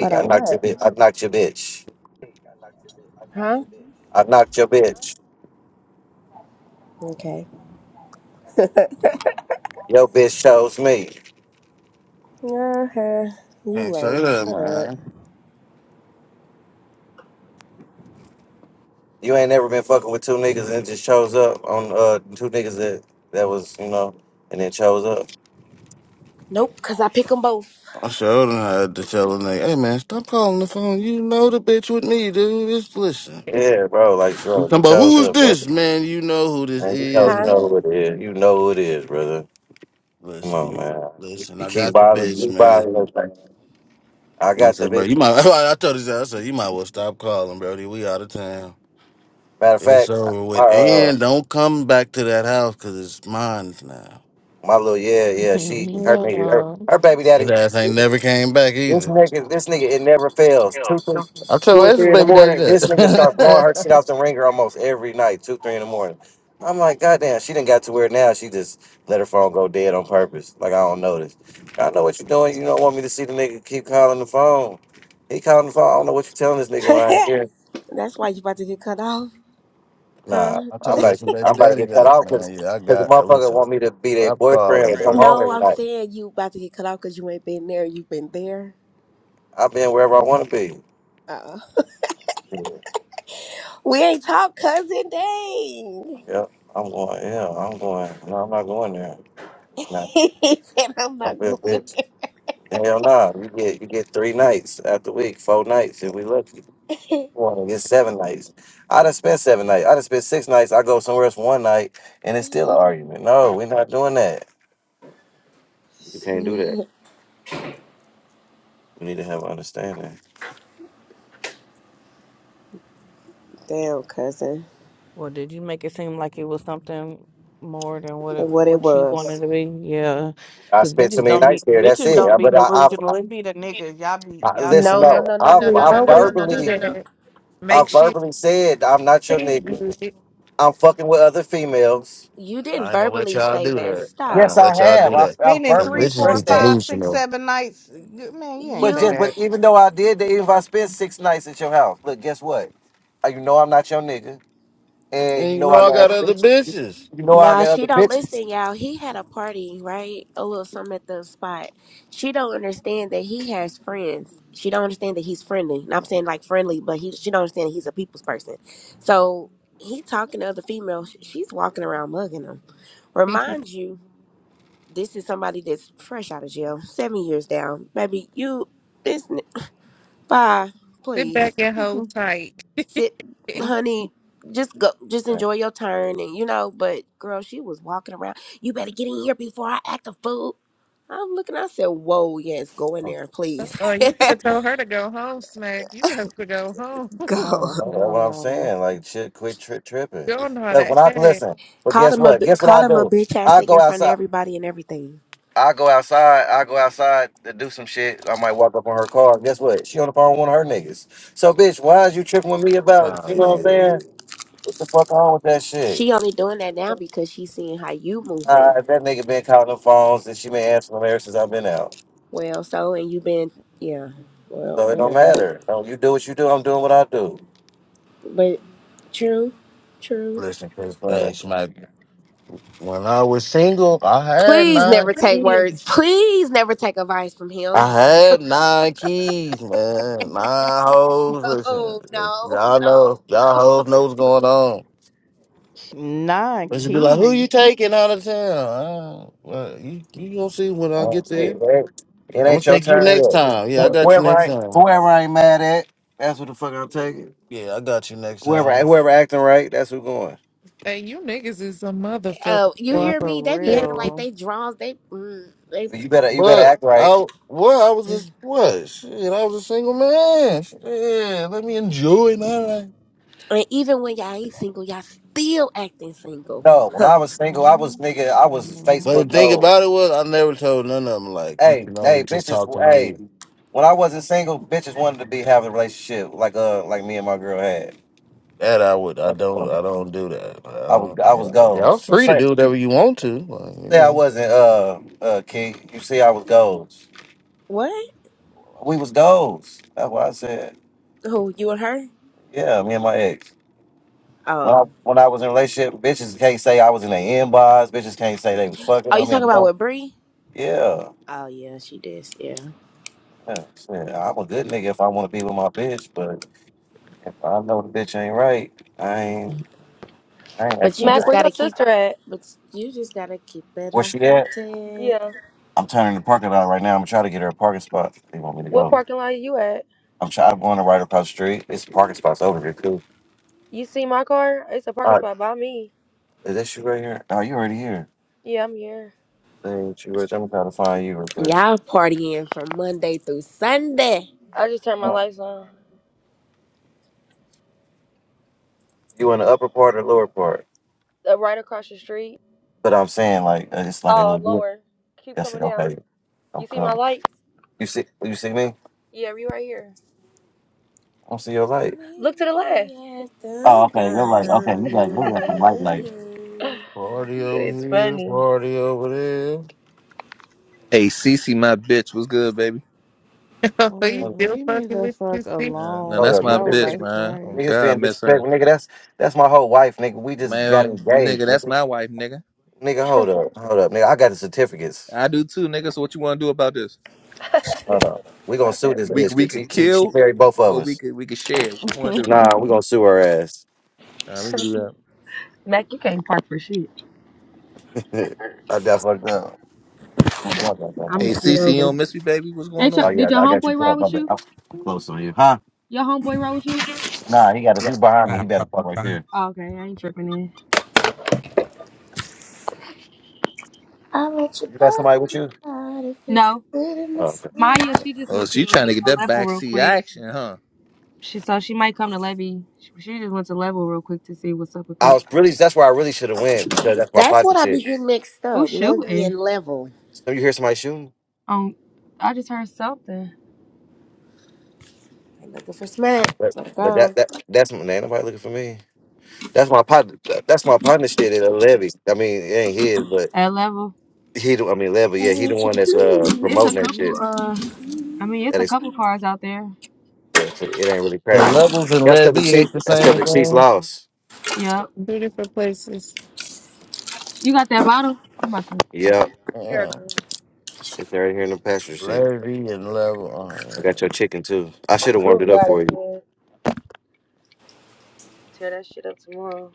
Hold
I
on,
knocked your
what?
bitch. I knocked your bitch.
Huh?
I knocked your bitch.
Okay.
Your bitch chose me.
uh-huh. You
Can't say
lame.
that,
Shut up.
man.
You ain't never been fucking with two niggas and just chose up on uh two niggas that that was you know and then chose up.
Nope, cause I pick them both.
I showed them how to tell a nigga, "Hey, man, stop calling the phone. You know the bitch with me, dude. Just listen."
Yeah, bro. Like,
You
bro,
talking
you
about
chose
who is
up. bro.
this, man? You know who this
Man, you know,
is,
you
Huh?
know who
man.
it is. You know who it is, brother. Come on,
Listen,
man.
listen.
You
I
keep
got the
bothering, you
bitch,
keep
man.
bothering us, man. I
And I
got the
said, bro,
big
you might. I told this. I said, you might well stop calling, Brody. We out of town.
matter of
It's
fact,
over
my
with.
uh
And don't come back to that house because it's mine now.
my little yeah, yeah, she her
Hell
nigga her,
no.
her baby
His
daddy.
ass ain't never came back
This
either.
nigga, this nigga, it never fails. Two, three,
I
two
told
or
Essence
three in the
baby daddy
morning, this nigga start blowing
that.
her shit out the ringer almost every night. Two, three in the morning. I'm like, goddamn, she didn't got to where now she just let her phone go dead on purpose. Like I don't notice. I know what you're doing. You don't want me to see the nigga keep calling the phone. He calling the phone. I don't know what you telling this nigga when I ain't here.
That's why you about to get cut off.
Nah,
Huh?
I
I'm
told
like,
Essence
I'm
baby
about to
daddy
get cut
that.
off because
Man, yeah, I
because the
got.
motherfucker
Listen,
want me to be their
stop
boyfriend
calling,
and come
Brody.
home
No,
every
I'm
night.
saying you about to get cut off cause you ain't been there. You've been there.
I've been wherever I want to be.
Uh, we ain't talk cousin dang.
Yeah, I'm going. Yeah, I'm going. No, I'm not going there. Nah,
he said I'm
I
not
feel
going.
bitch. Hell nah. You get you get three nights after week, four nights if we lucky. One get seven nights. I done spent seven nights. I done spent six nights. I go somewhere else one night and it's still an argument. No, we're not doing that. You can't do that. We need to have understanding.
Damn, cousin.
Well, did you make it seem like it was something more than what it,
And what it
what you wanted
was.
to be? Yeah,
I
because
spent so
bitches
many
don't
nights
be
there. That's
bitches
it.
don't
I-
be
But I, I,
delusional. It be the niggas. Y'all be
I
y'all
listen.
be
No, no,
No,
happy.
no, no,
I,
no,
We
no,
I
no, no,
always
no, no, no,
do
verbally,
no, no.
that.
I
Make sure
verbally said I'm not your
you
nigga.
good.
I'm fucking with other females.
You didn't
I ain't gonna let
verbally
y'all
say
do
that.
that. I ain't
Yes,
Stop.
gonna
I
let y'all
have.
do
You
I,
that.
I
spending
Cause
verbally
three,
bitches
four,
be
expressed that.
five, six,
delusional.
seven nights. Good- Man, you ain't
But
say
You
just, but
that.
even though I did, that, even if I spent six nights at your house, look, guess what? Uh, You know I'm not your nigga, and
And
you
you
know
know
I
I
got
got
other
other
bitches. You
bitches.
you know I
nah,
got
she
other
don't
bitches.
listen, y'all. He had a party, right? A little something at the spot. She don't understand that he has friends. She don't understand that he's friendly. And I'm saying like friendly, but he she don't understand that he's a people's person. So he talking to other females. She's walking around mugging him. Remind you. This is somebody that's fresh out of jail, seven years down. Baby, you this n- bye,
Sit back
please.
and hold tight.
Sit
oh
honey, just go just
Uh,
enjoy your turn and you know, but girl, she was walking around. You better get in here before I act a fool. I'm looking, I said, Whoa, yes, go in there, please.
Oh, you could have told her to go home, Smack. You guys could go home. you
go.
hell
That's what I'm
no.
saying. Like shit, quit tri- tripping.
don't know how
'Cause when
to
I
act.
listen, but
Called
guess
him a
what?
bi-
Guess what
called
I
him a
do?
bitch ass
I
nigga
go
in front of
outside.
everybody and everything.
I go outside. I go outside to do some shit. I might walk up on her car. Guess what? She on the phone with one of her niggas. So bitch, why is you tripping with me about?
Nah,
You know what I'm
yeah.
saying? What the fuck on with that shit?
She only doing that now because she's seeing how you
Nah,
moving.
if that nigga been calling them phones and she been answering them ever since I've been out.
Well, so and you been yeah. Well,
So it don't
whatever.
matter. No, you do what you do, I'm doing what I do.
But true, true.
Listen, cause
So
hey,
that's it.
smack. When I was single, I had
Please
nine
never take words.
keys.
Please never take advice from him.
I had nine keys, man. Nine hoes. Listen,
Oh no,
y'all know,
no.
y'all hoes know what's going on.
Nah,
They should be like, "Who
key.
you taking out of town? Uh, well, you you gonna see when
I
I
don't-
get there.
It it- Hey, it
I'm gonna
ain't your
take you
turn
next
yet.
time. Yeah, I
Wh-
got you
Whoever
next
I
time.
whoever I ain't mad at, that's what the fuck I'm taking.
Yeah, I got you next
Whoever
time.
whoever acting right, that's who going.
Hey, you niggas is a motherfucker.
Oh, you
Oh,
boy.
hear
for
me? They be acting like
real.
they draws. They, mm, they,
You better you better
But
act right.
I what I was just what shit. I was a single man. Yeah, let me enjoy it. All right.
and even when y'all ain't single, y'all still acting single.
No, when I was single, I was
Mhm.
nigga, I was
But the
Facebook
Mhm.
thing
gold.
about it was, I never told none of them like you
Hey,
can only
hey,
just
bitches,
talk to
hey.
me.
When I wasn't single, bitches wanted to be having a relationship like uh like me and my girl had.
That I would. I don't. I don't do that. I
I was
don't,
I was
y'all y'all
goals.
free to
Say
do whatever you want to. Like, you
say I
know,
wasn't uh uh Key. You see I was goals.
What?
We was goals. That's why I said,
Who you and her?
yeah, me and my ex. When
Oh,
I when I was in a relationship, bitches can't say I was in their inbox, bitches can't say they was fucking
Oh, you talking
I'm
about
like,
with Bree?
Yeah.
oh yeah, she did. Yeah.
Yeah. Shit, I'm a good nigga if I wanna be with my bitch, but if I know the bitch ain't right, I ain't I ain't
But you
acting
Mac,
right.
just
where your
gotta keep.
sister at?
But you just gotta keep it
Where
a
she at?
hundred.
Yeah.
I'm turning the parking lot right now. I'm gonna try to get her a parking spot. They want me to
What
go.
parking lot are you at?
I'm trying. I'm going to right across the street. It's parking spots over here too.
You see my car? It's a parking spot by me.
Is that you right here? Oh, you already here.
Yeah, I'm here.
Ain't you right there? I'm trying to find you real quick.
Y'all partying from Monday through Sunday.
I just turned my
Uh,
lights on.
You in the upper part or lower part?
Uh, right across the street.
But I'm saying like uh, it's like a
Oh,
little bit.
lower. Keep
I said,
coming down.
okay, I'm
You see my
coming.
lights?
You see, you see me? I
Yeah, we right here.
don't see your light.
Look
Meet
to the left.
me at
Oh,
the
okay, your light. Okay, you got you got some light light.
diner.
party over
it's
here,
funny.
party over there.
Hey, Cece, my bitch, what's good, baby?
Are you
Boy,
Hold up,
still
leave me
fucking
the
with you,
fuck
see?
Yeah, no,
hold
alone,
that's
up,
my
nigga.
bro.
This
bitch,
Like,
nigga,
man. Oh
right.
nigga's
God, I
being
miss her,
disrespectful, nigga. That's that's my whole wife, nigga. We just got
man,
engaged,
nigga. That's
nigga.
my wife, nigga.
Nigga, hold up, hold up, nigga. I got the certificates.
I do too, nigga. So what you want to do about this?
Hold up. We gonna sue this
We
bitch
we
because
could
she she she
kill,
married both of
or we
us.
could we could share. What you want to do?
Nah, we gonna sue her ass.
Nah, we could do that.
Yeah, I got fucked up. I'm blocked like that,
I'm gonna
Hey,
huh?
scoot
Cece, you
over.
don't miss me, baby. What's going
Ain't your,
Oh
on?
did
yeah,
your
I got you
homeboy ride
blocked. My
with
bad.
you?
I'm close on you, huh?
Your homeboy ride with you?
Nah, he got it. He behind me.
Bye,
He better fuck right there.
Okay, I ain't tripping in.
I'll let you
You got
buy
somebody with
me
you?
out if it's
No,
good
Oh,
enough
okay.
for you.
Maya, she just
Oh,
went to
she
go
trying
check
to get
out
that
level real
backseat
quick.
action, huh?
She so she might come to Levy. She, she just went to level real quick to see what's up with
I
that.
was really. That's where I really should have went because that's my
That's
partner
what I be
shit.
getting mixed
Who's
up. Levy
shooting?
and level.
So you hear somebody shooting,
Um, I just heard something
I'm looking for smack.
but
Let's
but that
go.
that that's my name. Nobody looking for me. That's my partner. That's my partner shit at a levy. I mean, it ain't his, but
at level.
he. the- I mean, levy. Yeah,
I'll
he the
let you
one that's uh
do.
It's a
promoting that
couple.
shit.
Uh, I mean, it's
That
a
is.
couple cars out there.
that- It ain't really
So
cracking.
levels and
That's because the
levy
Chiefs.
ain't the
That's because
same
the Chiefs
thing.
lost.
Yep.
Two different places.
You got that bottle? I'm about to.
Yep.
Here it
Damn,
comes.
It's right here in the passenger seat.
levy and
I got
level.
your chicken too. I should have warmed
Oh
it up
God,
for
it's
you.
good. Tear that shit up tomorrow.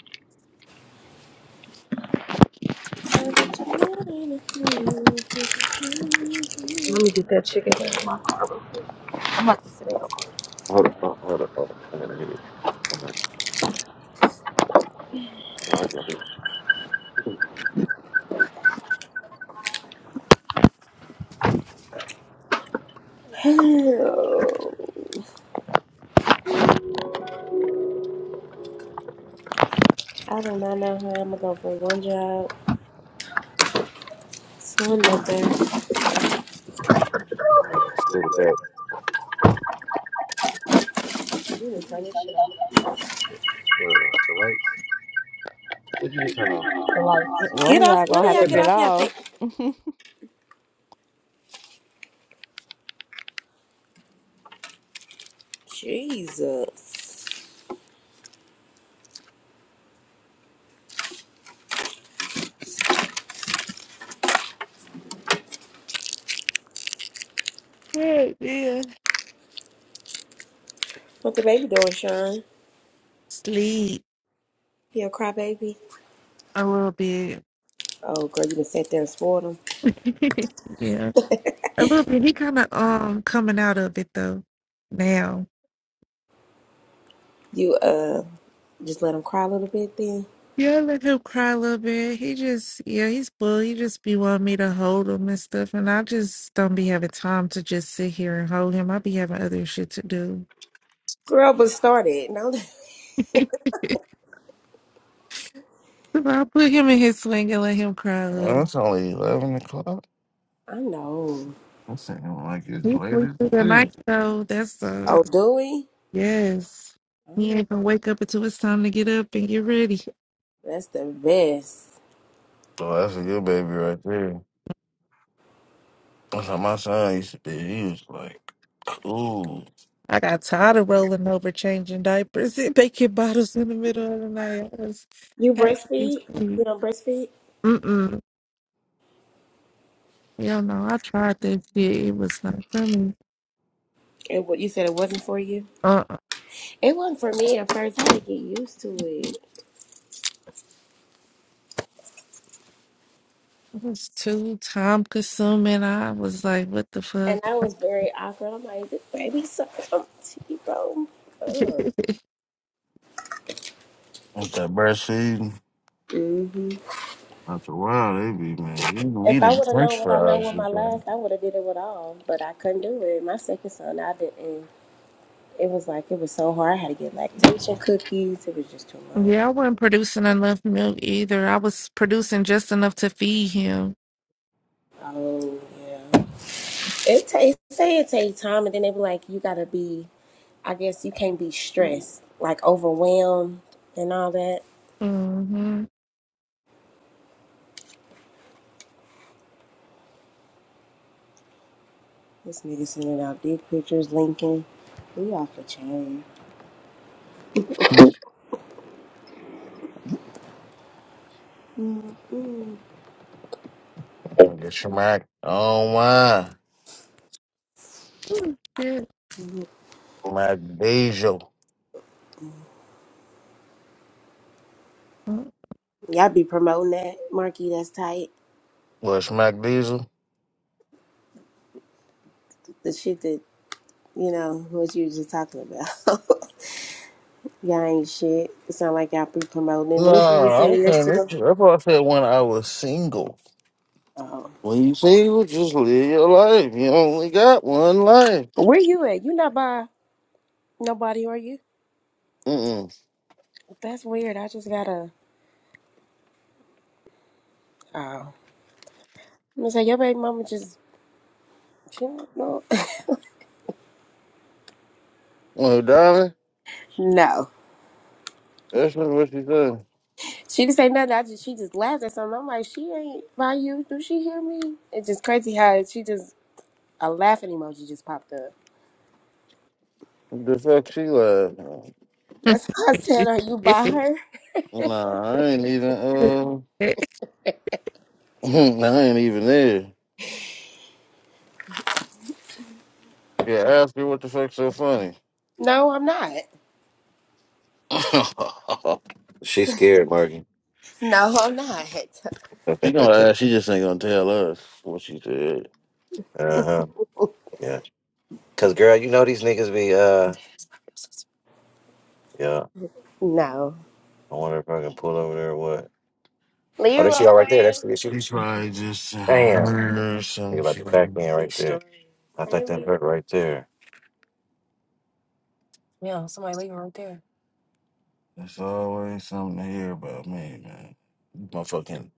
I'll let you do.
I'm about to sit down.
Hold up, hold up, hold up. Hold up. I gotta hit it. I'm not- oh, I got it.
Hello. I do not know how I'm gonna go from one job to another.
Let's
What,
do back.
the lights? What you just turn
One
Get
of
off.
y'all
One
gonna
of
have
y'all
to
on?
get
get
off y'all thing.
off.
Jesus.
Hey, yeah.
What the baby doing, Sean?
Sleep
He a cry baby?
a little bit.
Oh, girl, you done sat there and spoiled
yeah.
him.
A little bit. He kinda um coming out of it though now.
You, uh, just let him cry a little bit then?
Yeah, I let him cry a little bit. He just yeah, he's bull. He just be wanting me to hold him and stuff. And I just don't be having time to just sit here and hold him. I be having other shit to do.
Girl, but started. No,
so I'll put him in his sling and let him cry a
Uh, well,
little.
it's only eleven o'clock.
I know.
I'm saying like it's
He
late as
sleep through the
it
night
is.
though. That's uh
Oh, do we?
yes.
I
He
know.
ain't gonna wake up until it's time to get up and get ready.
That's the best.
So that's a good baby right there. That's how my son used to be. He was like, cool
I got tired of rolling over, changing diapers, and making bottles in the middle of the night. I was
You
happy to
breastfeed?
sleep.
You don't breastfeed?
Mm-mm. You know, I tried that shit. It was not for me.
And what you said it wasn't for you?
Uh,
It wasn't for me at first. I had to get used to it.
it was too time consuming. I was like, what the fuck?
And I was very awkward. I'm like, this baby's so comfy, bro. Up.
with that breastfeeding.
hmm
After a while, they be man, you
If I
needed
would have known
French
what I know
fries.
with
You
my
go
last, I would have did it with all, but I couldn't do it. My second son, I didn't. It was like it was so hard. I had to get lactation cookies. It was just too much.
yeah, I wasn't producing enough milk either. I was producing just enough to feed him.
Oh yeah. It takes say it takes time, and then they be like, you gotta be. I guess you can't be stressed, like overwhelmed and all that.
Mm-hmm.
This nigga sending out dick pictures, linking. We off the chain.
get smack. Oh my,
Oh, shit.
Mac diesel.
Oh,
Y'all be promoting that, Marky. That's tight.
What smack diesel?
The shit that you know what you were just talking about. Y'all ain't shit. It sound like y'all be promoting
No,
What you was
I
saying
was saying this.
yesterday?
That's why I said when I was single.
Oh.
When you single, just live your life. You only got one life.
Where you at? You not by nobody, are you?
Mm-mm.
That's weird. I just gotta. Oh. I'm gonna say, your baby mama just. She don't know.
Well, darling,
no.
that's not what she said.
She didn't say nothing. I just She just laughed at something. I'm like, she ain't by you. Do she hear me? It's just crazy how she just. A laughing emoji just popped up.
The fuck she lied.
That's why I said, are you by her?
Nah, I ain't even, uh,
shit.
I ain't even there. Yeah, ask her what the fuck's so funny.
No, I'm not.
She's scared, Marky.
No, I'm not.
she gonna ask, she just ain't gonna tell us what she said.
Uh huh. Yeah. Cause girl, you know these niggas be uh. Yeah.
No.
I wonder if I can pull over there or what. Oh,
Leroy.
that's you all right there.
Hey,
That's the issue.
She probably just
Damn.
heard
Nigga,
some
about the
shit.
back end right there. I think that's
Leroy.
her right there.
There's always something to hear about me, man. Motherfucking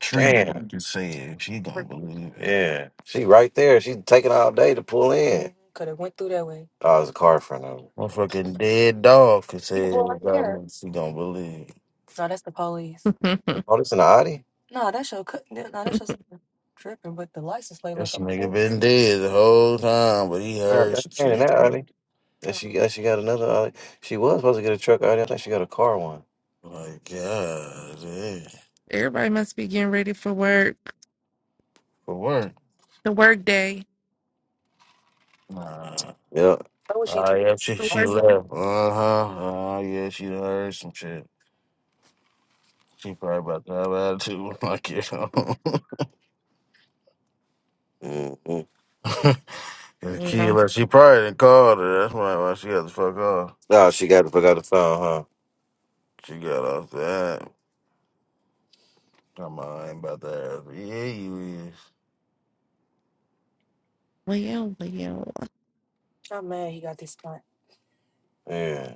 tree
Damn.
can say it. She gonna believe it.
Yeah. She right there. She taking all day to pull in. Could have went through that way. Oh, it's a car in front of her.
Motherfucking dead dog could say about me. She don't believe.
Oh, this in the Audi.
This nigga been dead the whole time, but he
Uh,
heard
that's
some shit.
training
He
that
come up,
early. And she, uh, she got another. Uh, she was supposed to get a truck early. I think she got a car one.
Like, God, damn.
Everybody must be getting ready for work.
For work?
The work day.
Nah.
Yeah.
Ah, yeah, she,
The
she
work.
left. Uh huh. Ah, yeah, she done heard some shit. She probably about to have attitude when I get home.
Mm-hmm.
the
Yeah.
key, like, she probably didn't call her. That's why, why she got the fuck off.
Oh, she got forgot the phone, huh?
She got off that. Come on, I ain't about to have. Yeah, you is.
Well, yeah, well, yeah.
Yeah.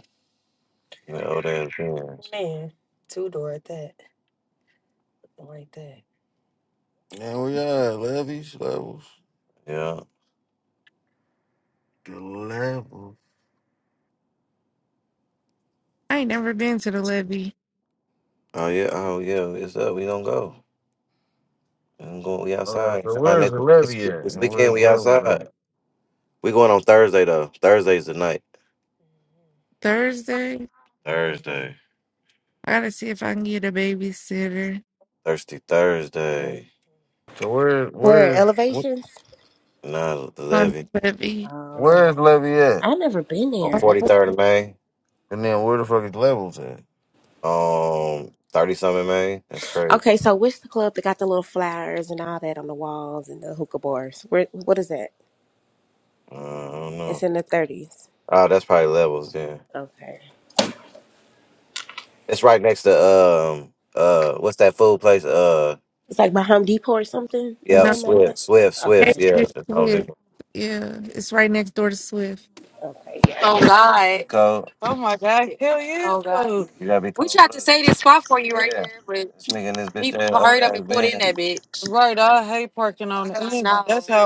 Yeah. Oh, there's Benz.
Yeah, we got levies, levels,
Yeah.
the levels.
I ain't never been to the levy
Oh yeah. Oh yeah. It's up. We don't go. We don't go. We
All right,
outside.
so
Uh,
where's
next-
the
This,
levy at,
this
and
weekend
where's the
we
levels at?
outside. We going on Thursday though. Thursday's the night.
Thursday,
Thursday.
I gotta see if I can get a babysitter
Thirsty Thursday.
So where,
We're at
where's, wh-
elevations.
Nine
on
eleven.
the levee.
Oh,
where's levy at?
I never been
On
there.
forty third of May.
And then where the fuck is levels at?
Um, thirty something May. That's crazy.
Okay, so what's the club that got the little flowers and all that on the walls and the hookah bars? Where? What is that?
Uh, I don't know.
It's in the thirties.
Oh, that's probably levels then.
Okay,
It's right next to um uh what's that food place? Uh
it's like by Home Depot or something or
yep,
No,
something like
Swift,
that.
Swift, Swift.
Okay,
it's
Yeah,
just
that's Home
Swift.
Depot.
Yeah, it's right next door to Swift.
okay, yeah.
Code. Oh my God. Hell yeah, You gotta be We cold blooded. Yeah. This nigga in this bitch that bed. Right, I hate parking on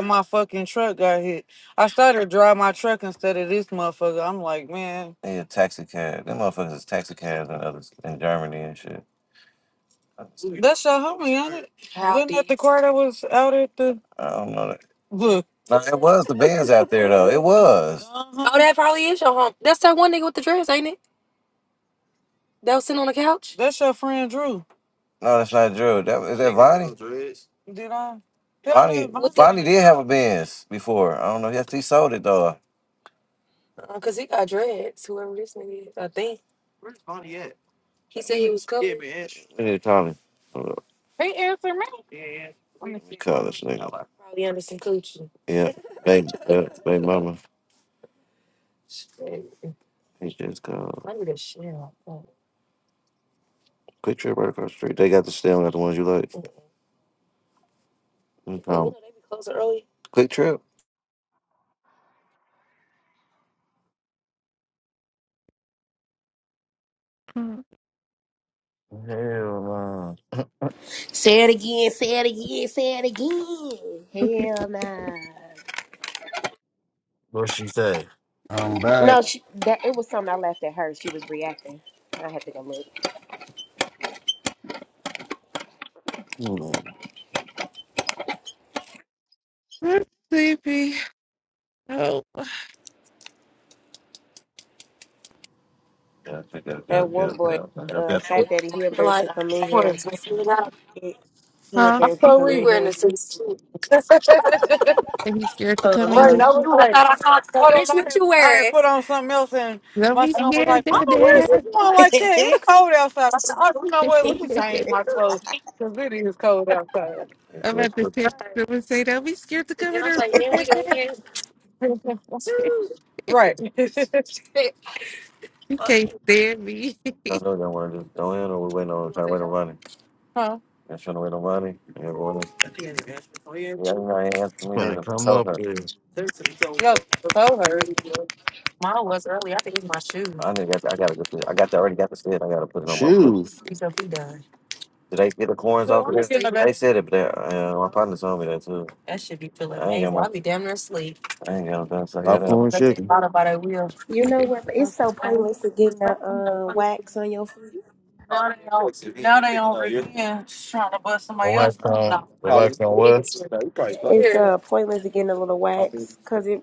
my fucking truck got hit. I started to drive my truck instead of this motherfucker. I'm like, man, They a taxi cab. Them motherfuckers is taxi cabs and others in Germany and shit. That's that's your homie, ain't it? part that was out at the I don't know that. Look. No, it was the bands out there though. It was. Uh-huh. That's your friend Drew. No, that's not Drew. That is that Vonnie. Did I did I Vonnie have Vonnie? did have a Benz before. I don't know. Yes, he sold it though. What did he call him? Hold up. He called this nigga. Yeah. They, uh, they mama. He just called. Quick Trip right across the street. They got the stem, got the ones you like. He called 'em. Quick Trip.
Hmm.
Hell no.
Say it again. Say it again. Say it again. Hell nah.
What she say?
Um, bad.
No, she, that it was something I laughed at her. She was reacting. I had to go look.
Hmm,
I'm sleepy. Oh,
Yeah, I think that
That
got
one
yeah,
boy,
yeah, I got
uh, Fat Daddy, he embarrassed to come in here. He, he
huh?
embarrassed to
that.
come in here.
And be scared to
Uh
come
huh.
in here.
put on something else, and
Don't
my
be
son was like,
scared, Dad.
"Mama, where's
Dad.
like
you
that? It's cold outside." I said, "Oh, you know what? Let me change my clothes because it is cold outside." If you
I'm
let
about to
your-
text him and say, "Don't be scared to come in here, Dad."
Right. I
You can't stand me.
don't know y'all want to just go in, or we waiting on trying to wait on Ronnie. huh? Y'all trying to wait on Ronnie. Yeah, going in. Yeah. Yeah, you know, I ain't answering me
Gonna
neither.
come
Told
up
her.
with
told her. I need got. I gotta. Get this. I got. The, already got the shit. I gotta put it on my foot.
shoes,
Did they get the corns off of this? They said it, but they, uh, my partner told me that too. I ain't got my, I ain't got nothing to say it up.
popcorn chicken,
know what? It's so pointless to getting a uh, wax on your feet.
Now they on again trying to bust
the
somebody
wax
else.
on, the wax on what?
It's uh pointless to getting a little wax because it.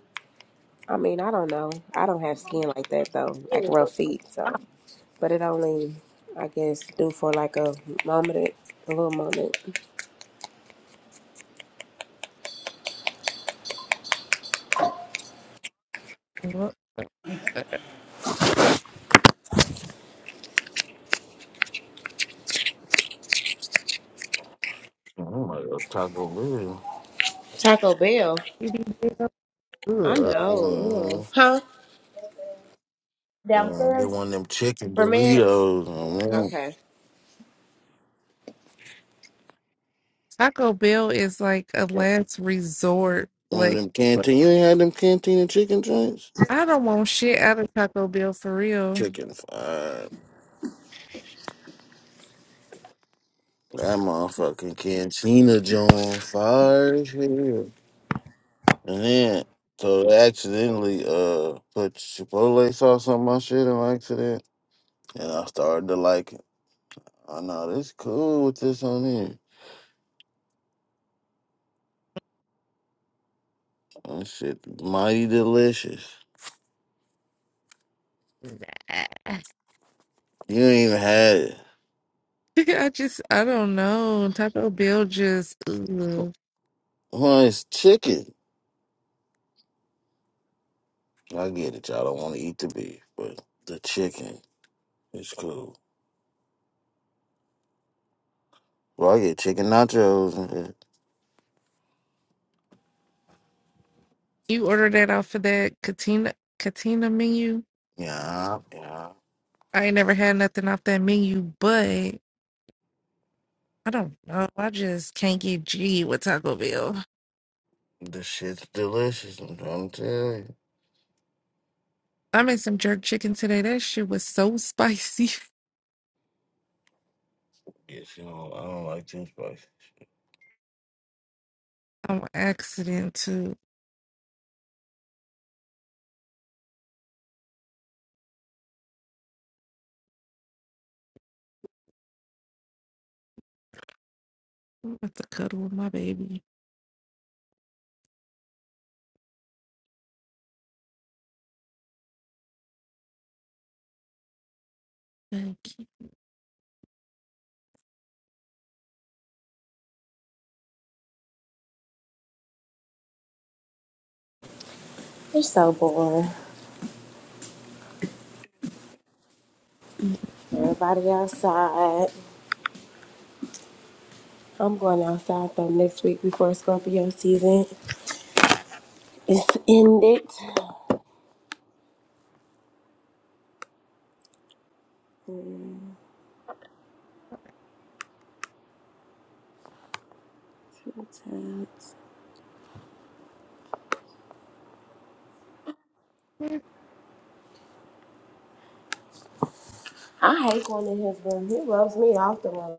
I mean, I don't know. I don't have skin like that though, like rough feet. So, but it only, I guess, do for like a moment, a little moment.
Well,
Oh my god, Taco Bell.
Taco Bell.
you be big up.
I know. Ugh.
Mm-hmm.
Huh?
Mm-hmm. Get
Downstairs.
one of them chicken
For minutes?
burritos.
Okay.
Taco Bell is like a last resort.
One of
Like,
them
but
canteen. You ain't had them cantina chicken joints?
I don't want shit out of Taco Bell for real.
Chicken fire. That motherfucking cantina joint fire as hell. And then, so they accidentally uh put Chipotle sauce on my shit on accident. And I started to like it. I know this cool with this on here. That shit mighty delicious.
Nah.
You ain't even had it.
I just, I don't know. Taco Bell just, ugh.
Well, it's chicken. I get it. Y'all don't want to eat the beef, but the chicken is cool. Well, I get chicken nachos.
you order that off of that Katina Katina menu.
Yeah, yeah.
I ain't never had nothing off that menu, but I don't know. I just can't get G with Taco Bell.
This shit's delicious, I'm trying to tell you.
I made some jerk chicken today. That shit was so spicy.
Yes, you know, I don't like too spicy.
I'm accident too. I'm about to cuddle with my baby. Thank you.
You're so boring. Everybody outside. I'm going outside though next week before Scorpio season. It's ended.
Mhm.
I hate going to his room. He rubs me off the wrong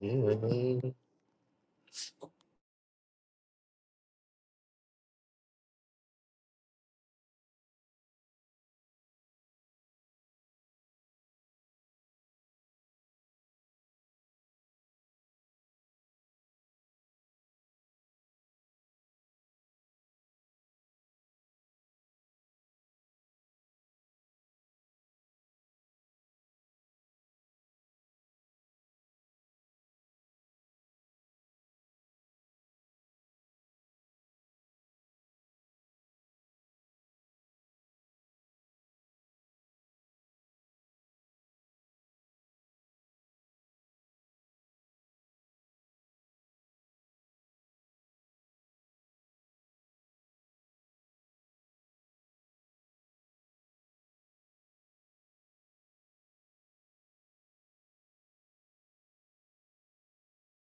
Yeah.